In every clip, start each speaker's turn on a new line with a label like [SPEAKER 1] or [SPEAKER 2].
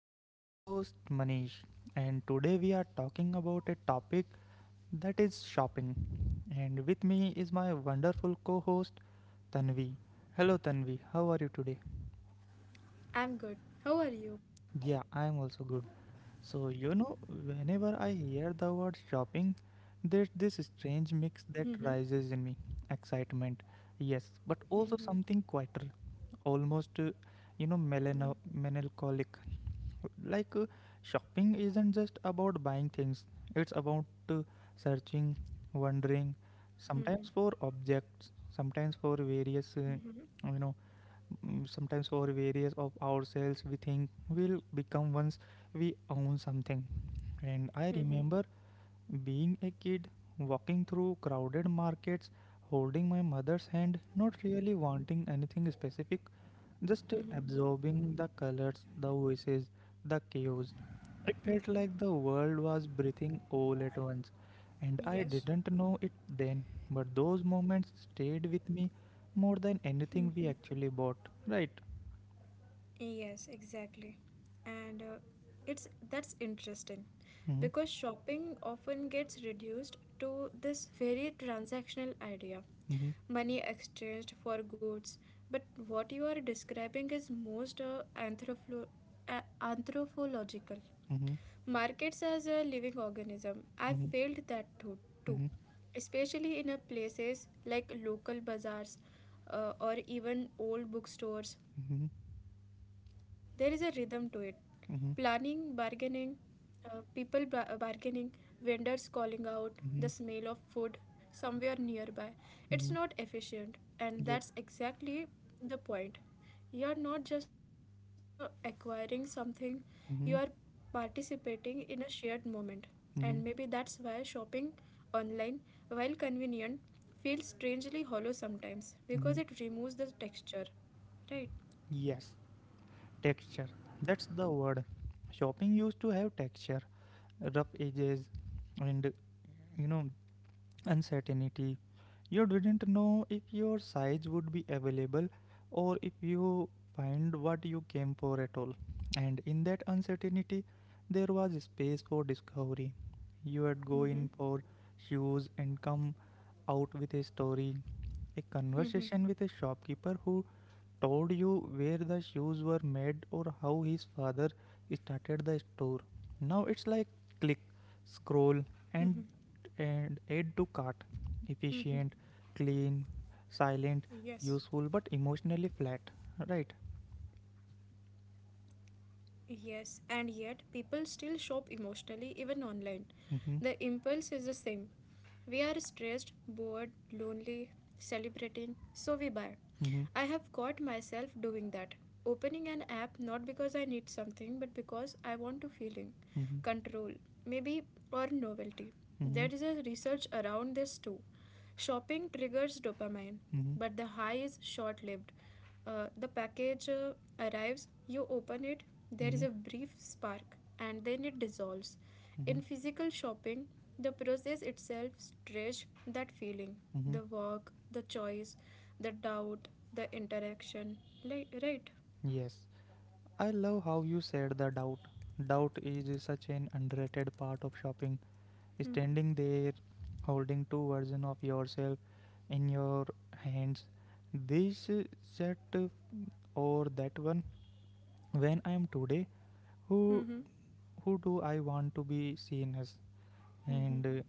[SPEAKER 1] I am your host, Manish, and today we are talking about a topic that is shopping. And with me is my wonderful co host, Tanvi. Hello, Tanvi, how are you today?
[SPEAKER 2] I'm good. How are you?
[SPEAKER 1] Yeah, I am also good. So, whenever I hear the word shopping, there's this strange mix that rises in me excitement, yes, but also something quieter, almost, melancholic. Like, uh, shopping isn't just about buying things, it's about searching, wondering, sometimes for objects, sometimes for various, you know, sometimes for various of ourselves we think will become once we own something and I remember being a kid, walking through crowded markets, holding my mother's hand, not really wanting anything specific, just absorbing the colors, the voices, the chaos. It felt like the world was breathing all at once, and I
[SPEAKER 2] Yes.
[SPEAKER 1] didn't know it then, but those moments stayed with me more than anything we actually bought, right?
[SPEAKER 2] Yes, exactly. And it's that's interesting
[SPEAKER 1] hmm
[SPEAKER 2] because shopping often gets reduced to this very transactional idea.
[SPEAKER 1] hmm
[SPEAKER 2] Money exchanged for goods. But what you are describing is most anthropological.
[SPEAKER 1] hmm
[SPEAKER 2] Markets as a living organism. I
[SPEAKER 1] hmm
[SPEAKER 2] felt that too,
[SPEAKER 1] hmm
[SPEAKER 2] especially in a places like local bazaars or even old bookstores.
[SPEAKER 1] hmm
[SPEAKER 2] There is a rhythm to it,
[SPEAKER 1] hmm
[SPEAKER 2] planning, bargaining, bargaining, vendors calling out,
[SPEAKER 1] hmm
[SPEAKER 2] the smell of food somewhere nearby.
[SPEAKER 1] hmm
[SPEAKER 2] It's not efficient, and that's exactly the point. You are not just acquiring something, you
[SPEAKER 1] Mm-hmm,
[SPEAKER 2] are participating in a shared moment.
[SPEAKER 1] mm-hmm,
[SPEAKER 2] And maybe that's why shopping online, while convenient, feels strangely hollow
[SPEAKER 1] mm-hmm.
[SPEAKER 2] sometimes because it removes the texture, right?
[SPEAKER 1] Yes, texture. That's the word. Shopping used to have texture, rough edges, and you know, uncertainty. You didn't know if your size would be available or if you find what you came for at all. And in that uncertainty, there was space for discovery. You would go in for shoes and come out with a story, a conversation with a shopkeeper who told you where the shoes were made or how his father started the store. Now it's like click, scroll, and add to cart. Efficient, clean,
[SPEAKER 2] Yes.
[SPEAKER 1] silent, useful, but emotionally flat. Right?
[SPEAKER 2] Yes, and yet people still shop emotionally even online. The
[SPEAKER 1] Mm-hmm.
[SPEAKER 2] impulse is the same. We are stressed, bored, lonely, celebrating, so we buy.
[SPEAKER 1] Mm-hmm.
[SPEAKER 2] I have caught myself doing that. Opening an app not because I need something but because I want to feeling,
[SPEAKER 1] Mm-hmm.
[SPEAKER 2] control, maybe, or novelty.
[SPEAKER 1] Mm-hmm.
[SPEAKER 2] There is a research around this too. Shopping triggers dopamine,
[SPEAKER 1] Mm-hmm.
[SPEAKER 2] but the high is short lived. The package arrives, you open it, there
[SPEAKER 1] Mm-hmm.
[SPEAKER 2] is a brief spark, and then it dissolves. In
[SPEAKER 1] Mm-hmm.
[SPEAKER 2] physical shopping, the process itself stretches that feeling,
[SPEAKER 1] Mm-hmm.
[SPEAKER 2] the work, the choice, the doubt, the interaction. Like, right?
[SPEAKER 1] Yes. I love how you said the doubt. Doubt is such an underrated part of shopping. Standing there holding two versions of yourself in your hands, this set or that one, when I am today, who who do I want to be seen as, and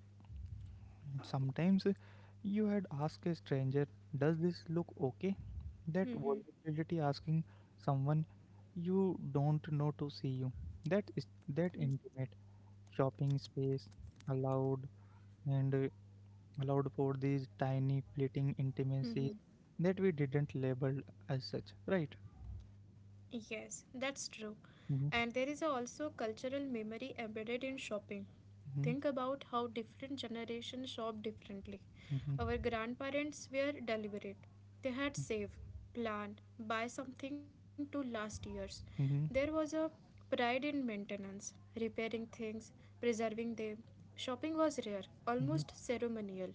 [SPEAKER 1] sometimes you had asked a stranger, does this look okay, that vulnerability, asking someone you don't know to see you, that is that intimate shopping space allowed, and allowed for these tiny fleeting intimacies that we didn't label as such, right?
[SPEAKER 2] Yes, that's true.
[SPEAKER 1] Mm-hmm.
[SPEAKER 2] And there is also cultural memory embedded in shopping.
[SPEAKER 1] Mm-hmm.
[SPEAKER 2] Think about how different generations shop differently.
[SPEAKER 1] Mm-hmm.
[SPEAKER 2] Our grandparents were deliberate. They had save, plan, buy something to last years. There
[SPEAKER 1] Mm-hmm.
[SPEAKER 2] was a pride in maintenance, repairing things, preserving them. Shopping was rare,
[SPEAKER 1] Mm-hmm.
[SPEAKER 2] almost ceremonial.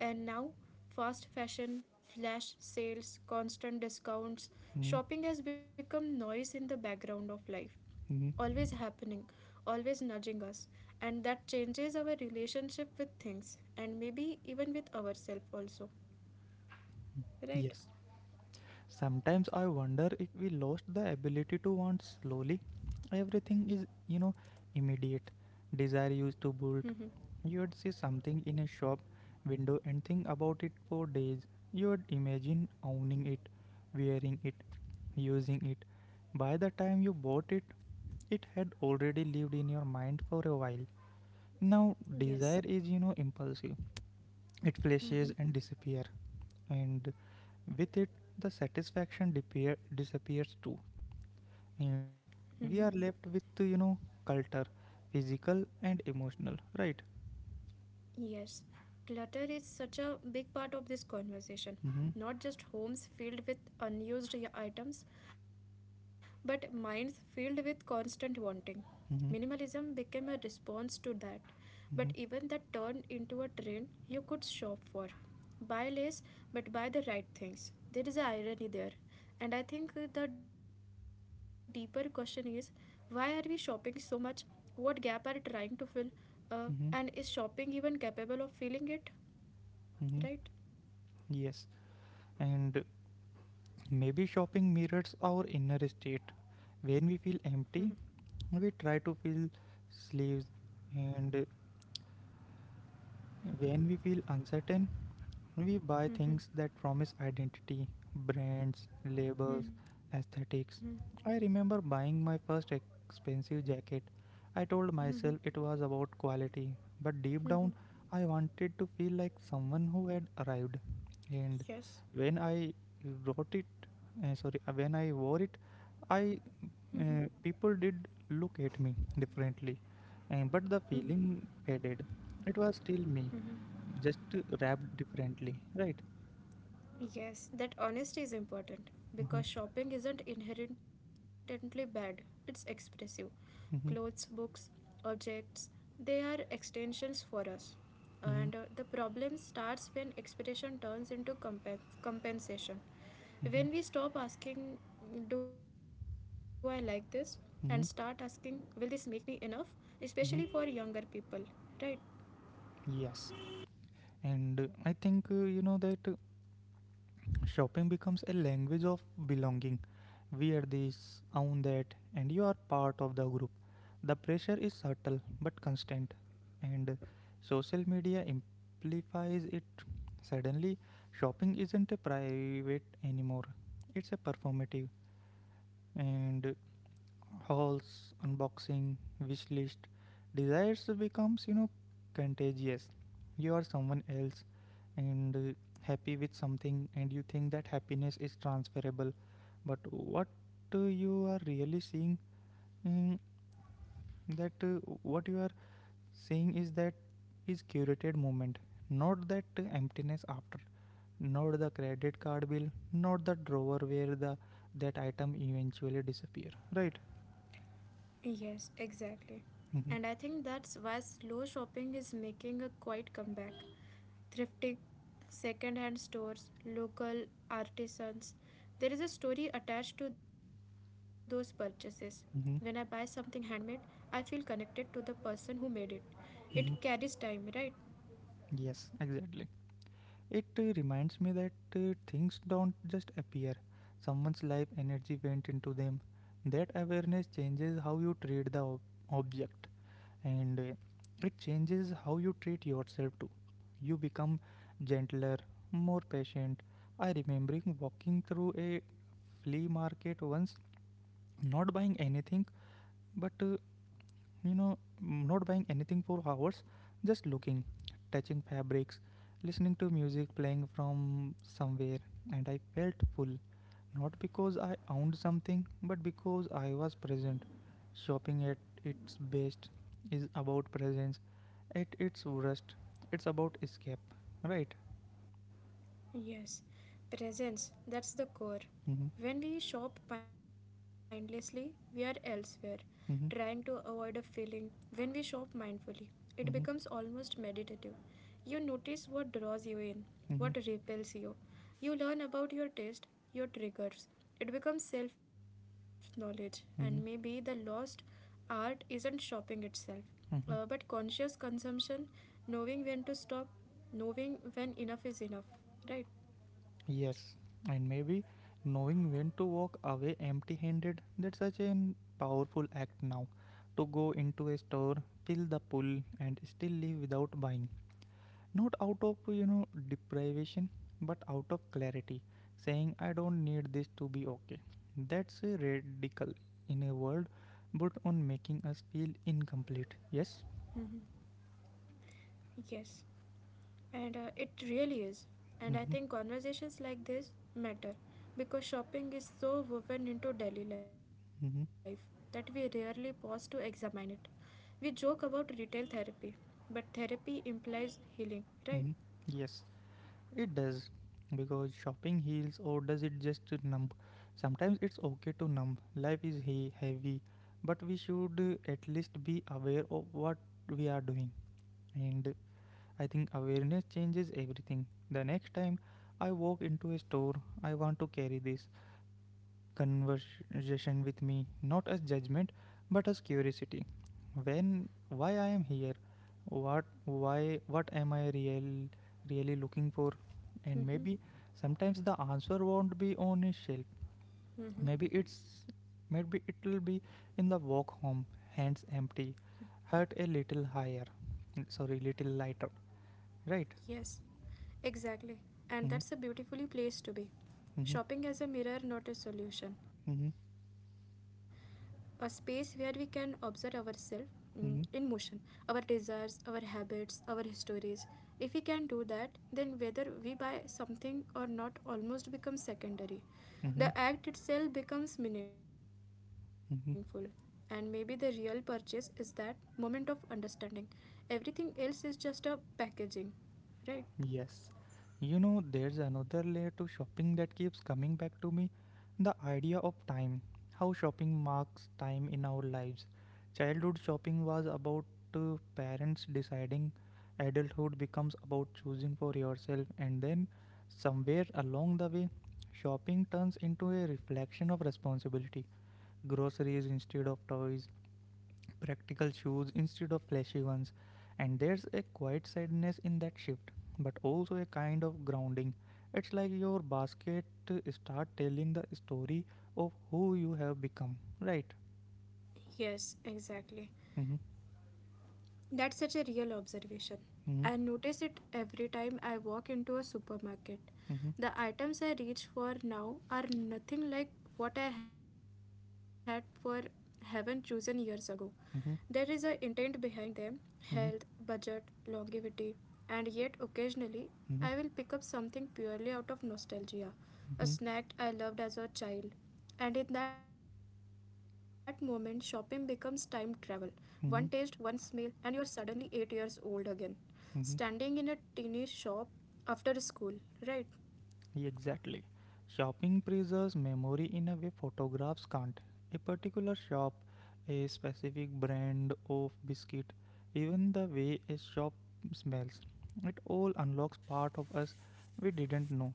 [SPEAKER 2] And now, fast fashion, flash sales, constant discounts,
[SPEAKER 1] Mm-hmm.
[SPEAKER 2] shopping has become noise in the background of life,
[SPEAKER 1] Mm-hmm.
[SPEAKER 2] always happening, always nudging us. And that changes our relationship with things and maybe even with ourselves also.
[SPEAKER 1] Yes.
[SPEAKER 2] Right?
[SPEAKER 1] Sometimes I wonder if we lost the ability to want slowly. Everything is, immediate. Desire used to bolt. You would see something in a shop window and think about it for days. You would imagine owning it, wearing it, using it. By the time you bought it, it had already lived in your mind for a while. Now,
[SPEAKER 2] Yes.
[SPEAKER 1] desire is, impulsive. It flashes and disappear, and with it the disappears too, and we are left with culture, physical and emotional, right?
[SPEAKER 2] Yes, clutter is such a big part of this conversation.
[SPEAKER 1] Mm-hmm,
[SPEAKER 2] Not just homes filled with items, but minds filled with constant wanting.
[SPEAKER 1] mm-hmm,
[SPEAKER 2] Minimalism became a response to that, but
[SPEAKER 1] mm-hmm,
[SPEAKER 2] even that turned into a trend you could shop for. Buy less, but buy the right things. There is an irony there. And I think the deeper question is, why are we shopping so much? What gap are we trying to fill? Uh,
[SPEAKER 1] mm-hmm,
[SPEAKER 2] and is shopping even capable of feeling it?
[SPEAKER 1] mm-hmm.
[SPEAKER 2] Right?
[SPEAKER 1] Yes, and maybe shopping mirrors our inner state. When we feel
[SPEAKER 2] Mm-hmm.
[SPEAKER 1] empty, we try to fill sleeves, and when we feel uncertain, we buy things that promise identity, brands, labels,
[SPEAKER 2] Mm-hmm.
[SPEAKER 1] aesthetics. I remember buying my first expensive jacket. I told myself it was about quality, but deep down, I wanted to feel like someone who had arrived. And
[SPEAKER 2] Yes.
[SPEAKER 1] when I wrote it, when I wore it, I people did look at me differently. But the feeling faded. It was still me, just wrapped differently, right?
[SPEAKER 2] Yes, that honesty is important because
[SPEAKER 1] Mm-hmm.
[SPEAKER 2] shopping isn't inherently bad, it's expressive. Clothes,
[SPEAKER 1] Mm-hmm.
[SPEAKER 2] books, objects, they are extensions for us. And
[SPEAKER 1] Mm-hmm.
[SPEAKER 2] the problem starts when expectation turns into compensation.
[SPEAKER 1] Mm-hmm.
[SPEAKER 2] When we stop asking, "Do I like this?" and start asking, "Will
[SPEAKER 1] Mm-hmm.
[SPEAKER 2] this make me enough?" Especially for
[SPEAKER 1] Mm-hmm.
[SPEAKER 2] younger people, right?
[SPEAKER 1] Yes. And I think you know that shopping becomes a language of belonging. Wear this, own that, and you are part of the group. The pressure is subtle but constant, and social media amplifies it. Suddenly, shopping isn't a private anymore, it's a performative, and hauls, unboxing, wish list, desires becomes contagious. You are someone else and happy with something, and you think that happiness is transferable. But what you are really seeing, mm, that what you are seeing is that is curated moment, not that emptiness after, not the credit card bill, not the drawer where the that item eventually disappear. Right.
[SPEAKER 2] Yes, exactly.
[SPEAKER 1] Mm-hmm.
[SPEAKER 2] And I think that's why slow shopping is making a quiet comeback. Thrifty, second-hand stores, local artisans. There is a story attached to those purchases. When I buy something
[SPEAKER 1] Mm-hmm.
[SPEAKER 2] handmade, I feel connected to the person who made it. It carries
[SPEAKER 1] Mm-hmm.
[SPEAKER 2] time, right?
[SPEAKER 1] Yes, exactly. It reminds me that things don't just appear. Someone's life energy went into them. That awareness changes how you treat the object, and it changes how you treat yourself too. You become gentler, more patient. I remembering walking through a flea market once, not buying anything, but you know, not buying anything for hours, just looking, touching fabrics, listening to music playing from somewhere, and I felt full. Not because I owned something, but because I was present. Shopping at its best is about presence, at its worst, it's about escape, right?
[SPEAKER 2] Yes, presence, that's the core.
[SPEAKER 1] Mm-hmm,
[SPEAKER 2] When we shop mindlessly, we are elsewhere, trying to
[SPEAKER 1] mm-hmm,
[SPEAKER 2] avoid a feeling. When we shop mindfully, it becomes
[SPEAKER 1] mm-hmm,
[SPEAKER 2] almost meditative. You notice what draws you in, what
[SPEAKER 1] mm-hmm,
[SPEAKER 2] repels you. You learn about your taste, your triggers. It becomes self knowledge, and maybe the
[SPEAKER 1] mm-hmm,
[SPEAKER 2] lost art isn't shopping itself. But
[SPEAKER 1] Mm-hmm.
[SPEAKER 2] conscious consumption, knowing when to stop, knowing when enough is enough, right?
[SPEAKER 1] Yes, and maybe knowing when to walk away empty handed, that's such a powerful act now. To go into a store, feel the pull, and still leave without buying. Not out of, deprivation, but out of clarity, saying, I don't need this to be okay. That's a radical in a world, but on making us feel incomplete. Yes?
[SPEAKER 2] Yes. And it really is. And I
[SPEAKER 1] Mm-hmm,
[SPEAKER 2] think conversations like this matter because shopping is so woven into daily life that we
[SPEAKER 1] mm-hmm,
[SPEAKER 2] rarely pause to examine it. We joke about retail therapy, but therapy implies healing, right?
[SPEAKER 1] mm-hmm. Yes. It does, because shopping heals or does it just numb? Sometimes it's okay to numb. Life is heavy, but we should at least be aware of what we are doing. And I think awareness changes everything. The next time I walk into a store, I want to carry this conversation with me, not as judgment, but as curiosity. When, why I am here, what, why, what am I real, really looking for? And maybe sometimes the answer won't be on a shelf. Maybe it's, maybe it'll be in the walk home, hands empty, heart a little higher, sorry, little lighter, right?
[SPEAKER 2] Yes, exactly. And that's
[SPEAKER 1] Mm-hmm,
[SPEAKER 2] a beautifully place to be.
[SPEAKER 1] mm-hmm,
[SPEAKER 2] Shopping as a mirror, not a solution.
[SPEAKER 1] mm-hmm,
[SPEAKER 2] A space where we can observe ourselves mm, in motion,
[SPEAKER 1] mm-hmm,
[SPEAKER 2] our desires, our habits, our histories. If we can do that, then whether we buy something or not almost becomes secondary.
[SPEAKER 1] mm-hmm,
[SPEAKER 2] The act itself becomes meaningful. And maybe the
[SPEAKER 1] mm-hmm.
[SPEAKER 2] real purchase is that moment of understanding. Everything else is just a packaging. Right?
[SPEAKER 1] Yes. There's another layer to shopping that keeps coming back to me, the idea of time. How shopping marks time in our lives. Childhood shopping was about parents deciding, adulthood becomes about choosing for yourself, and then somewhere along the way, shopping turns into a reflection of responsibility. Groceries instead of toys, practical shoes instead of flashy ones. And there's a quiet sadness in that shift, but also a kind of grounding. It's like your basket start telling the story of who you have become, right?
[SPEAKER 2] Yes, exactly.
[SPEAKER 1] Mm-hmm,
[SPEAKER 2] That's such a real observation.
[SPEAKER 1] hmm
[SPEAKER 2] I notice it every time I walk into a supermarket.
[SPEAKER 1] hmm
[SPEAKER 2] The items I reach for now are nothing like what I had for heaven chosen years ago. There is a
[SPEAKER 1] hmm
[SPEAKER 2] intent behind them, health,
[SPEAKER 1] hmm
[SPEAKER 2] budget, longevity, and yet occasionally I will
[SPEAKER 1] hmm
[SPEAKER 2] pick up something purely out of nostalgia, a
[SPEAKER 1] hmm
[SPEAKER 2] snack I loved as a child. And in that moment, shopping becomes time travel. One taste, one smell,
[SPEAKER 1] hmm
[SPEAKER 2] and you are suddenly 8 years old again, standing
[SPEAKER 1] hmm
[SPEAKER 2] in a teeny shop after school, right?
[SPEAKER 1] Exactly. Shopping preserves memory in a way photographs can't. A particular shop, a specific brand of biscuit, even the way a shop smells. It all unlocks part of us we didn't know.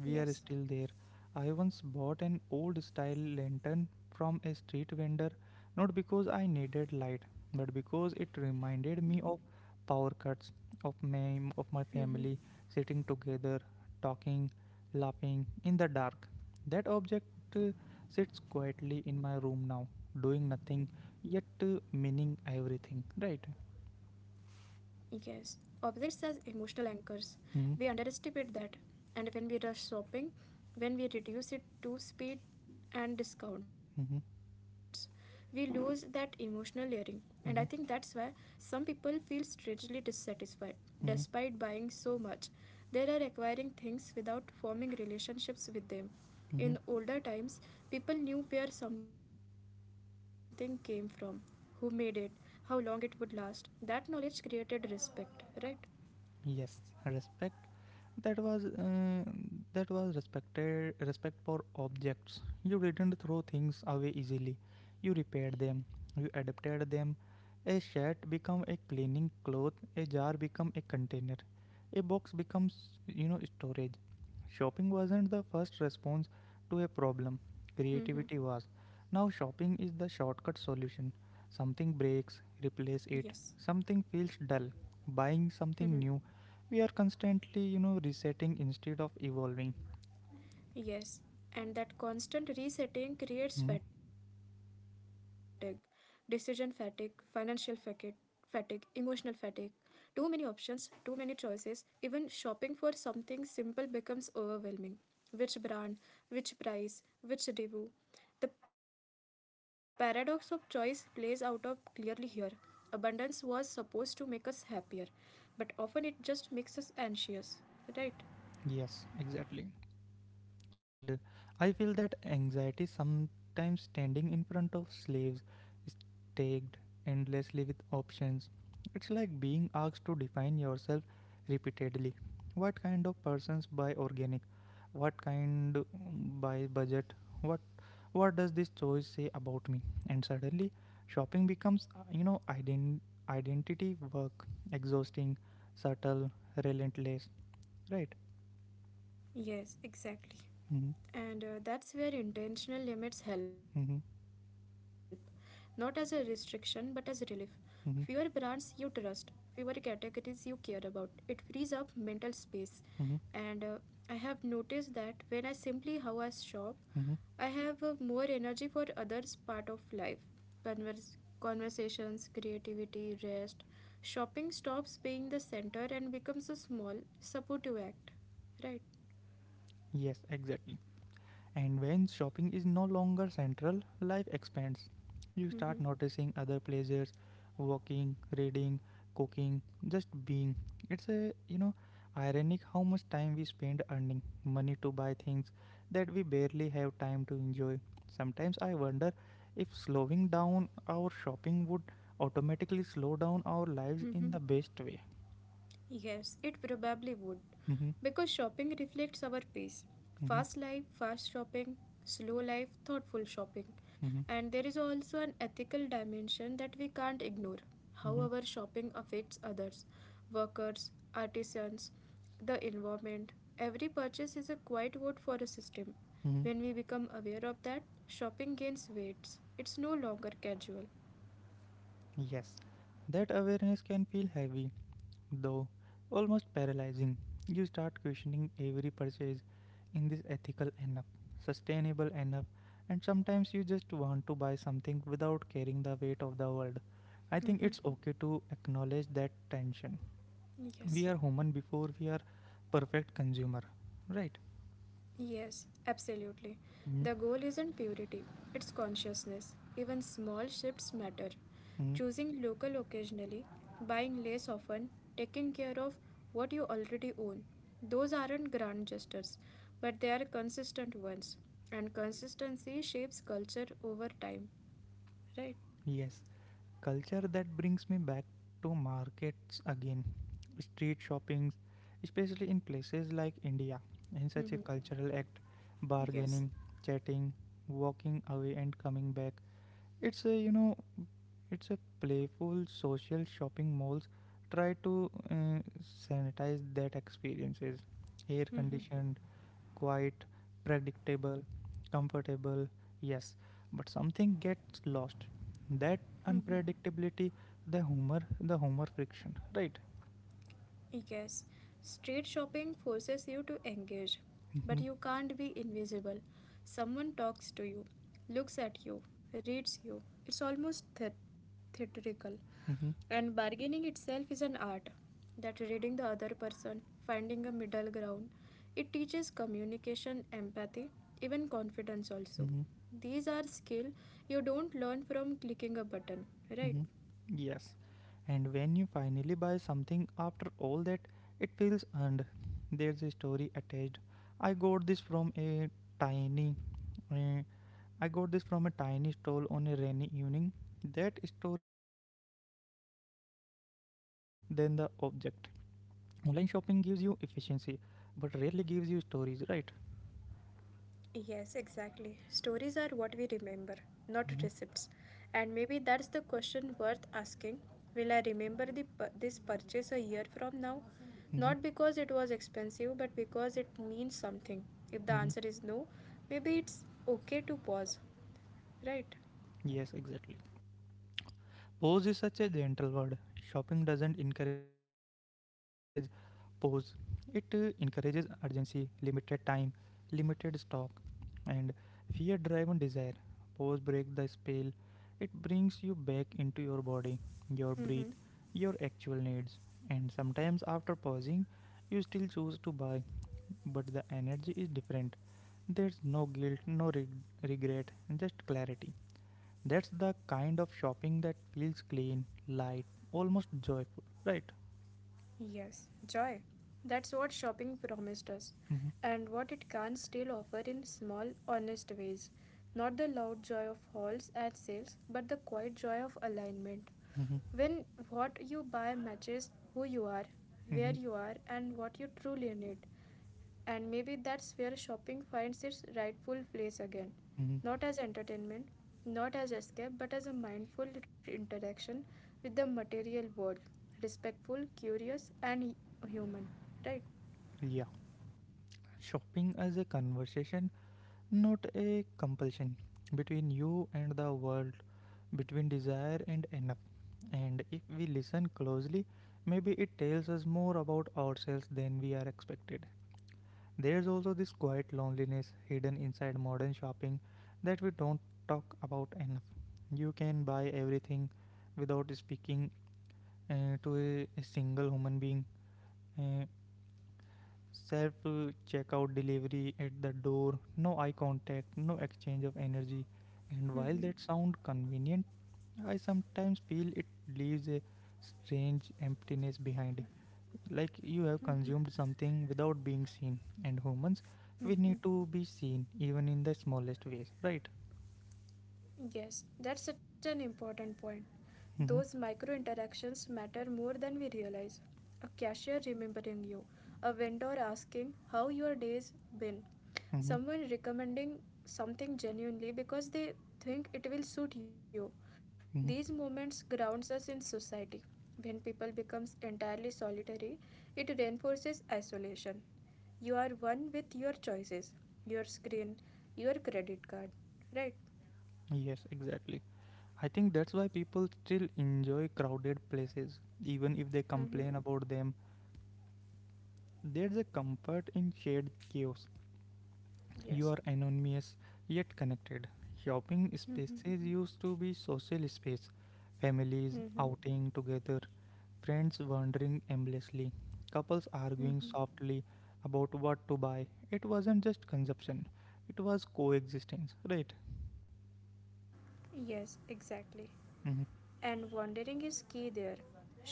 [SPEAKER 1] We are
[SPEAKER 2] Yes.
[SPEAKER 1] still there. I once bought an old style lantern from a street vendor, not because I needed light, but because it reminded me of power cuts, of my family sitting together, talking, laughing in the dark. That object uh, sits quietly in my room now, doing nothing yet meaning everything, right?
[SPEAKER 2] Yes, opposites as emotional anchors. We
[SPEAKER 1] Mm-hmm,
[SPEAKER 2] underestimate that, and when we rush shopping, when we reduce it to speed and discounts, we
[SPEAKER 1] mm-hmm,
[SPEAKER 2] lose that emotional layering. And I think that's why
[SPEAKER 1] mm-hmm,
[SPEAKER 2] some people feel strangely dissatisfied despite
[SPEAKER 1] mm-hmm,
[SPEAKER 2] buying so much. They are acquiring things without forming relationships with them. In
[SPEAKER 1] mm-hmm.
[SPEAKER 2] older times, people knew where something came from, who made it, how long it would last. That knowledge created respect, right?
[SPEAKER 1] Yes, respect. That was respect for objects. You didn't throw things away easily. You repaired them. You adapted them. A shirt become a cleaning cloth. A jar become a container. A box becomes storage. Shopping wasn't the first response to a problem. Creativity was. Now shopping is the shortcut solution. Something
[SPEAKER 2] Yes.
[SPEAKER 1] breaks, replace it. Something feels dull. Buying something new, we are constantly, resetting instead of evolving.
[SPEAKER 2] Yes, and that constant resetting creates
[SPEAKER 1] Hmm?
[SPEAKER 2] fatigue, decision fatigue, financial fatigue, emotional fatigue. Too many options, too many choices, even shopping for something simple becomes overwhelming. Which brand, which price, which review? The paradox of choice plays out of clearly here. Abundance was supposed to make us happier, but often it just makes us anxious, right?
[SPEAKER 1] Yes, exactly. And I feel that anxiety sometimes standing in front of slaves is tagged endlessly with options. It's like being asked to define yourself repeatedly. What kind of persons buy organic? What buy budget? What what does this choice say about me? And suddenly shopping becomes identity work, exhausting, subtle, relentless, right?
[SPEAKER 2] Yes, exactly.
[SPEAKER 1] Mm-hmm,
[SPEAKER 2] And that's where intentional limits help,
[SPEAKER 1] mm-hmm,
[SPEAKER 2] not as a restriction but as relief. Fewer brands you
[SPEAKER 1] mm-hmm,
[SPEAKER 2] trust, fewer categories you care about. It frees up mental space.
[SPEAKER 1] mm-hmm.
[SPEAKER 2] And I have noticed that when I simply how I shop,
[SPEAKER 1] Mhm.
[SPEAKER 2] I have more energy for others part of life. Conversations, creativity, rest. Shopping stops being the center and becomes a small supportive act. Right?
[SPEAKER 1] Yes, exactly. And when shopping is no longer central, life expands. You start noticing other pleasures, walking, reading, cooking, just being. It's a, ironic how much time we spend earning money to buy things that we barely have time to enjoy. Sometimes I wonder if slowing down our shopping would automatically slow down our lives in the best way.
[SPEAKER 2] Yes, it probably would.
[SPEAKER 1] Mhm.
[SPEAKER 2] Because shopping reflects our pace.
[SPEAKER 1] Mhm.
[SPEAKER 2] Fast life, fast shopping, slow life, thoughtful shopping.
[SPEAKER 1] Mhm.
[SPEAKER 2] And there is also an ethical dimension that we can't ignore. How
[SPEAKER 1] Mhm.
[SPEAKER 2] our shopping affects others, workers, artisans, the environment. Every purchase is a quiet vote for a system.
[SPEAKER 1] Mhm.
[SPEAKER 2] When we become aware of that, shopping gains weights. It's no longer casual.
[SPEAKER 1] Yes, that awareness can feel heavy, though almost paralyzing. You start questioning every purchase in this ethical enough, sustainable enough, and sometimes you just want to buy something without carrying the weight of the world. I think it's okay to acknowledge that tension. We
[SPEAKER 2] Yes.
[SPEAKER 1] are human before we are perfect consumer, right?
[SPEAKER 2] Yes, absolutely.
[SPEAKER 1] Mm-hmm.
[SPEAKER 2] The goal isn't purity, it's consciousness. Even small shifts matter. Choosing local occasionally, buying less often, taking care of what you already own. Those aren't grand gestures, but they are consistent ones. And consistency shapes culture over time, right?
[SPEAKER 1] Yes, culture, that brings me back to markets again, street shoppings, especially in places like india, in such a
[SPEAKER 2] Mm-hmm.
[SPEAKER 1] cultural act,
[SPEAKER 2] Yes.
[SPEAKER 1] bargaining, chatting, walking away and coming back, it's a it's a playful social. Shopping malls try to sanitize that experiences, air conditioned, quite predictable, comfortable, yes, but something gets lost. That unpredictability, the humor friction, right?
[SPEAKER 2] Yes, yes. Street shopping forces you to engage, but
[SPEAKER 1] Mm-hmm,
[SPEAKER 2] you can't be invisible. Someone talks to you, looks at you, reads you. It's almost theatrical.
[SPEAKER 1] mm-hmm,
[SPEAKER 2] And bargaining itself is an art. That reading the other person, finding a middle ground, it teaches communication, empathy, even confidence also.
[SPEAKER 1] mm-hmm,
[SPEAKER 2] These are skill you don't learn from clicking a button, right?
[SPEAKER 1] mm-hmm. Yes, and when you finally buy something after all that, it feels earned. There's a story attached. I got this from a tiny, uh, I got this from a tiny stall on a rainy evening. That story stays longer than the object. Online shopping gives you efficiency, but rarely gives you stories, right?
[SPEAKER 2] Yes, exactly. Stories are what we remember, not receipts. And maybe that's the question worth asking. Will I remember this purchase a year from now?
[SPEAKER 1] hmm hmm
[SPEAKER 2] Not because it was expensive, but because it means something. If the
[SPEAKER 1] hmm
[SPEAKER 2] answer is no, maybe it's okay to pause, right?
[SPEAKER 1] Yes, exactly. Pose is such a gentle word. Shopping doesn't encourage pose, it encourages urgency, limited time, limited stock, and fear driven desire. Pose breaks the spell, it brings you back into your body, your breath, your actual needs. And sometimes after pausing, you still choose to buy but the energy is different. There's no guilt, no regret, just clarity. That's the kind of shopping that feels clean, light, almost joyful, right?
[SPEAKER 2] Yes, joy. That's what shopping promised us,
[SPEAKER 1] Mm-hmm.
[SPEAKER 2] and what it can still offer in small, honest ways. Not the loud joy of hauls at sales, but the quiet joy of alignment.
[SPEAKER 1] Mm-hmm.
[SPEAKER 2] When what you buy matches who you are, where
[SPEAKER 1] Mm-hmm.
[SPEAKER 2] you are, and what you truly need. And maybe that's where shopping finds its rightful place again.
[SPEAKER 1] Mm-hmm.
[SPEAKER 2] Not as entertainment, not as escape, but as a mindful interaction with the material world. Respectful, curious, and human. Right?
[SPEAKER 1] Yeah. Shopping as a conversation, not a compulsion. Between you and the world, between desire and enough. And if we listen closely, maybe it tells us more about ourselves than we are expected. There's also this quiet loneliness hidden inside modern shopping that we don't talk about enough. You can buy everything without speaking to a single human being. Uh, Self checkout delivery at the door, no eye contact, no exchange of energy. And while that sounds convenient, I sometimes feel it leaves a strange emptiness behind, like you have consumed something without being seen, and humans, we need to be seen even in the smallest ways, right?
[SPEAKER 2] Yes, that's such an important point.
[SPEAKER 1] Mm-hmm.
[SPEAKER 2] Those micro interactions matter more than we realize. A cashier remembering you, a vendor asking how your day's been,
[SPEAKER 1] Mm-hmm.
[SPEAKER 2] someone recommending something genuinely because they think it will suit you.
[SPEAKER 1] Mm-hmm.
[SPEAKER 2] These moments grounds us in society. When people becomes entirely solitary, it reinforces isolation. You are one with your choices, your screen, your credit card, right?
[SPEAKER 1] Yes, exactly. I think that's why people still enjoy crowded places even if they complain about them. There's a comfort in shared chaos. You
[SPEAKER 2] Yes,
[SPEAKER 1] are anonymous yet connected. Shopping spaces used to be social space, families outing together, friends wandering aimlessly, couples arguing softly about what to buy. It wasn't just consumption, it was coexistence, right?
[SPEAKER 2] yes, exactly.
[SPEAKER 1] Mm-hmm.
[SPEAKER 2] And wandering is key there.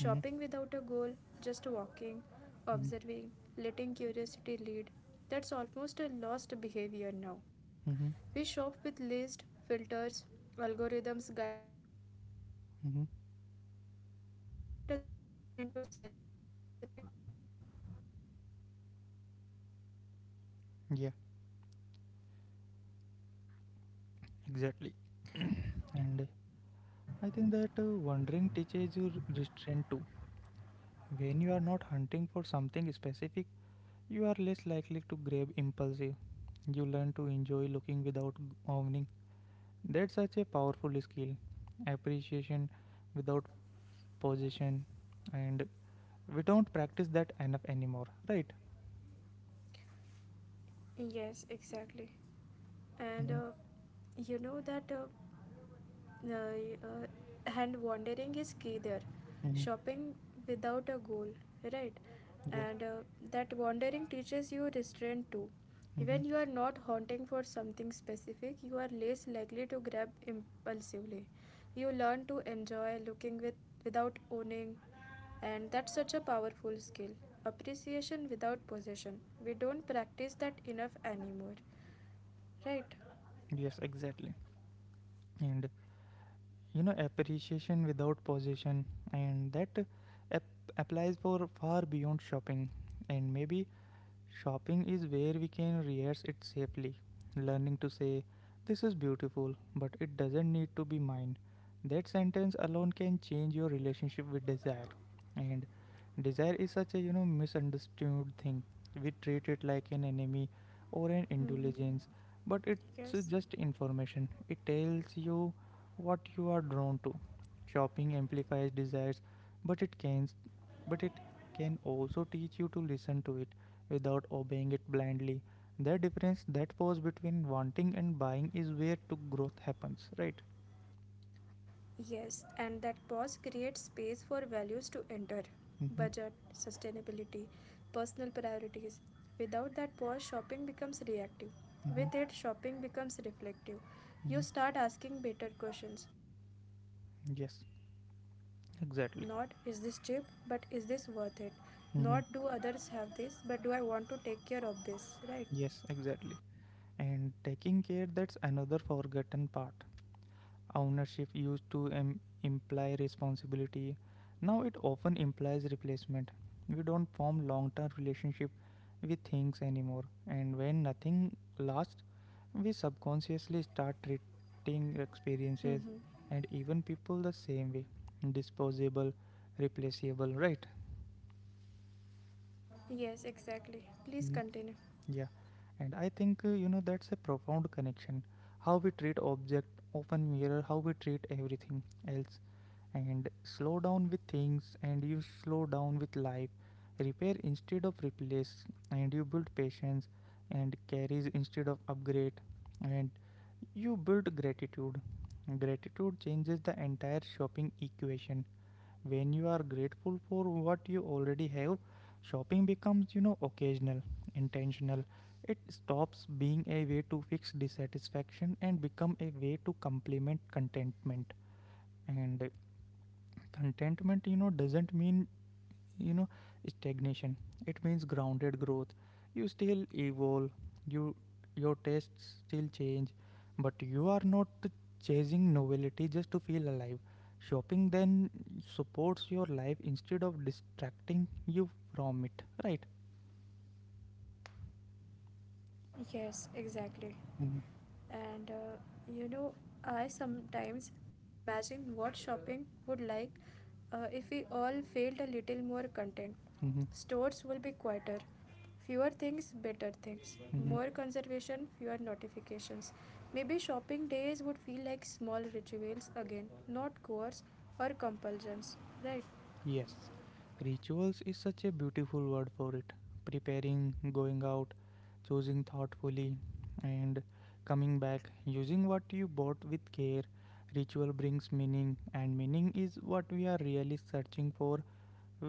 [SPEAKER 1] Mm-hmm.
[SPEAKER 2] without a goal, just walking, observing, letting curiosity lead. That's almost a lost behavior now.
[SPEAKER 1] Mm-hmm.
[SPEAKER 2] We
[SPEAKER 1] Mm-hmm.
[SPEAKER 2] shop with list, filters, algorithms guiding us. Wandering
[SPEAKER 1] Mm-hmm.
[SPEAKER 2] doesn't convert well into sales metrics, right?
[SPEAKER 1] Yeah, exactly. And I think that wandering teaches you restraint too. When you are not hunting for something specific, you are less likely to grab impulsive. You learn to enjoy looking without owning. That's such a powerful skill. Appreciation without position, and we don't practice that enough anymore, right?
[SPEAKER 2] Yes, exactly. And
[SPEAKER 1] Mm-hmm.
[SPEAKER 2] you know that Uh, and wandering is key there.
[SPEAKER 1] Mm-hmm.
[SPEAKER 2] Shopping without a goal, right?
[SPEAKER 1] Yes.
[SPEAKER 2] And that wandering teaches you restraint too.
[SPEAKER 1] Mm-hmm.
[SPEAKER 2] When you are not hunting for something specific, you are less likely to grab impulsively. You learn to enjoy looking without owning, and that's such a powerful skill. Appreciation without possession. We don't practice that enough anymore, right?
[SPEAKER 1] Yes, exactly. And you know, appreciation without position, and that applies for far beyond shopping, and maybe shopping is where we can rehearse it safely, learning to say, "This is beautiful, but it doesn't need to be mine." That sentence alone can change your relationship with desire. And desire is such a, you know, misunderstood thing. We treat it like an enemy or an indulgence,
[SPEAKER 2] Mm-hmm.
[SPEAKER 1] but it's just
[SPEAKER 2] Yes.
[SPEAKER 1] information. It tells you what you are drawn to. Shopping amplifies desires, but it can, but it can also teach you to listen to it without obeying it blindly. The difference, that pose between wanting and buying, is where to growth happens, right?
[SPEAKER 2] Yes, and that pause creates space for values to enter,
[SPEAKER 1] Mm-hmm.
[SPEAKER 2] budget, sustainability, personal priorities. Without that pause, shopping becomes reactive.
[SPEAKER 1] Mm-hmm.
[SPEAKER 2] With it, shopping becomes reflective.
[SPEAKER 1] Mm-hmm.
[SPEAKER 2] You start asking better questions. Not is this cheap,
[SPEAKER 1] Yes,
[SPEAKER 2] but is this worth it?
[SPEAKER 1] exactly.
[SPEAKER 2] Not do others have this, but do I want to take
[SPEAKER 1] Mm-hmm.
[SPEAKER 2] care of this? Right?
[SPEAKER 1] Yes, exactly. And taking care, that's another forgotten part. Ownership used to imply responsibility. Now it often implies replacement. We don't form long-term relationship with things anymore, and when nothing lasts, we subconsciously start treating experiences and even people the same way, disposable, replaceable, right?
[SPEAKER 2] Yes, exactly. Please
[SPEAKER 1] Hmm.
[SPEAKER 2] continue.
[SPEAKER 1] Yeah, and I think, you know, that's a profound connection. How we treat object often mirror how we treat everything else. And slow down with things, and you slow down with life. Repair instead of replace, and you build patience, and carries instead of upgrade, and you build gratitude. Gratitude changes the entire shopping equation. When you are grateful for what you already have, shopping becomes, you know, occasional, intentional. It stops being a way to fix dissatisfaction and become a way to complement contentment. And contentment, you know, doesn't mean, you know, stagnation. It means grounded growth. You still evolve, you, your tastes still change, but you are not chasing novelty just to feel alive. Shopping then supports your life instead of distracting you from it, right?
[SPEAKER 2] Yes, exactly. And uh, you know, I sometimes imagine what shopping would like if we all felt a little more content.
[SPEAKER 1] Mhm.
[SPEAKER 2] Stores will be quieter, fewer things, better things,
[SPEAKER 1] Mm-hmm.
[SPEAKER 2] more conservation, fewer notifications. Maybe shopping days would feel like small rituals again, not chores or compulsions, right?
[SPEAKER 1] Yes, rituals is such a beautiful word for it. Preparing, going out, choosing thoughtfully, and coming back, using what you bought with care. Ritual brings meaning, and meaning is what we are really searching for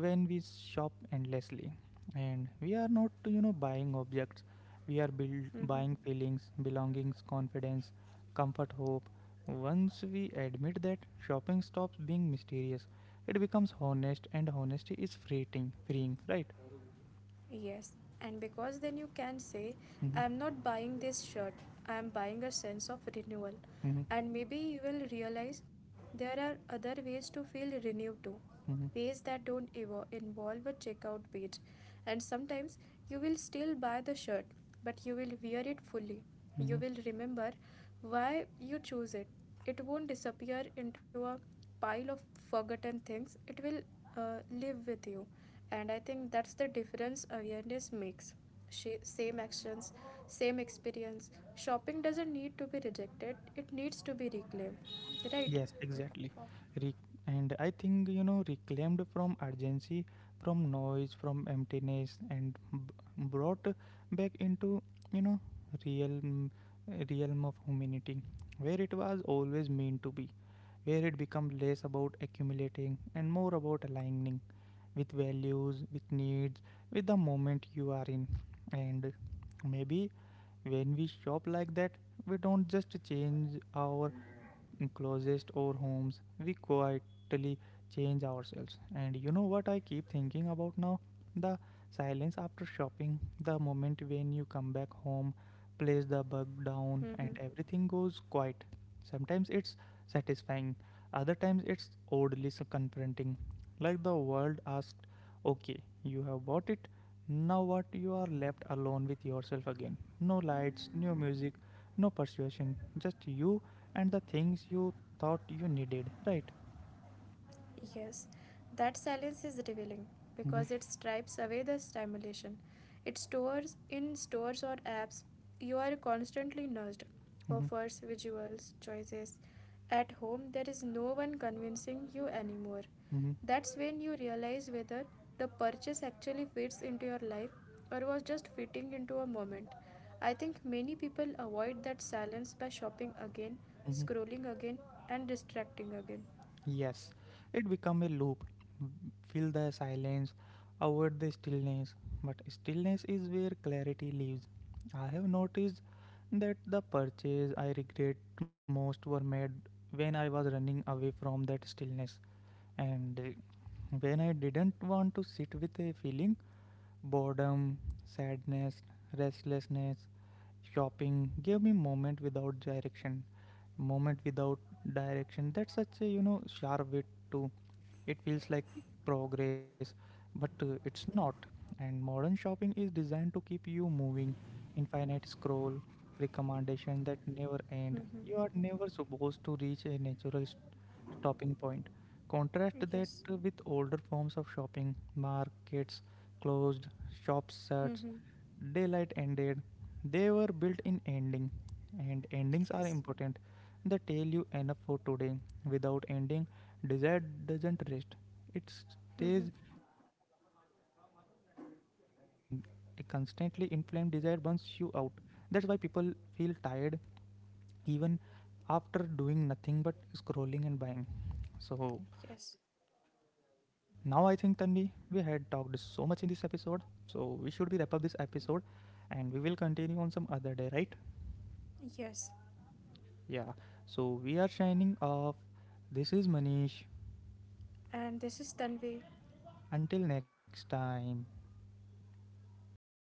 [SPEAKER 1] when we shop endlessly. And we are not, you know, buying objects, we are buying feelings, belongings, confidence, comfort, hope. Once we admit that, shopping stops being mysterious, it becomes honest, and honesty is freeing, right?
[SPEAKER 2] Yes, and because then you can say,
[SPEAKER 1] Mm-hmm.
[SPEAKER 2] I am not buying this shirt, I am buying a sense of renewal.
[SPEAKER 1] Mm-hmm.
[SPEAKER 2] And maybe you will realize there are other ways to feel renewed too, ways that don't ever involve a checkout page. And sometimes you will still buy the shirt, but you will wear it fully. You
[SPEAKER 1] Mm-hmm.
[SPEAKER 2] will remember why you choose it. It won't disappear into a pile of forgotten things, it will live with you. And I think that's the difference awareness makes. Same actions, same experience. Shopping doesn't need to be rejected, it needs to be reclaimed, right?
[SPEAKER 1] Yes, exactly. Re- and I think, you know, reclaimed from urgency, from noise, from emptiness, and brought back into, you know, real mm, realm of humanity, where it was always meant to be, where it become less about accumulating and more about aligning with values, with needs, with the moment you are in. And maybe when we shop like that, we don't just change our closest, our homes, we quietly change ourselves. And you know what I keep thinking about now? The silence after shopping, the moment when you come back home, place the bug down, and everything goes quiet. Sometimes it's satisfying, other times it's oddly so confronting. Like the world asked, "Okay, you have bought it, now what?" You are left alone with yourself again. No lights, no music, no persuasion, just you and the things you thought you needed, right?
[SPEAKER 2] Yes, that silence is revealing
[SPEAKER 1] Mhm.
[SPEAKER 2] because it stripes away the stimulation. It stores in stores or apps. You are constantly nudged,
[SPEAKER 1] Mhm.
[SPEAKER 2] offers, visuals, choices. At home, there is no one convincing you anymore.
[SPEAKER 1] Mhm.
[SPEAKER 2] That's when you realize whether the purchase actually fits into your life or was just fitting into a moment. I think many people avoid that silence by shopping again,
[SPEAKER 1] Mhm.
[SPEAKER 2] scrolling again, and distracting again.
[SPEAKER 1] Yes, it become a loop. M- Fill the silence, avoid the stillness, but stillness is where clarity lives. I have noticed that the purchase I regret most were made when I was running away from that stillness, and when I didn't want to sit with a feeling, boredom, sadness, restlessness. Shopping gave me moment without direction, moment without direction. That's such a, you know, sharp wit too. It feels like progress, but it's not. And modern shopping is designed to keep you moving, infinite scroll, recommendation that never end. You are never supposed to reach a natural stopping point. Contrast that
[SPEAKER 2] Yes.
[SPEAKER 1] with older forms of shopping, markets closed, shops shuts,
[SPEAKER 2] Mm-hmm.
[SPEAKER 1] daylight ended. They were built in ending, and endings are
[SPEAKER 2] Yes.
[SPEAKER 1] important. They tell you enough for today. Without ending, desire doesn't rest. It stays,
[SPEAKER 2] Mm-hmm.
[SPEAKER 1] you know, inflamed, and a constantly inflamed desire burns you out. That's why people feel tired even after doing nothing but scrolling and buying. So
[SPEAKER 2] Yes.
[SPEAKER 1] now I think, Tanvi, we had talked so much in this episode. So we should be wrap up this episode and we will continue on some other day, right?
[SPEAKER 2] Yes.
[SPEAKER 1] Yeah. So we are signing off. This is Manish.
[SPEAKER 2] And this is Tanvi.
[SPEAKER 1] Until next time.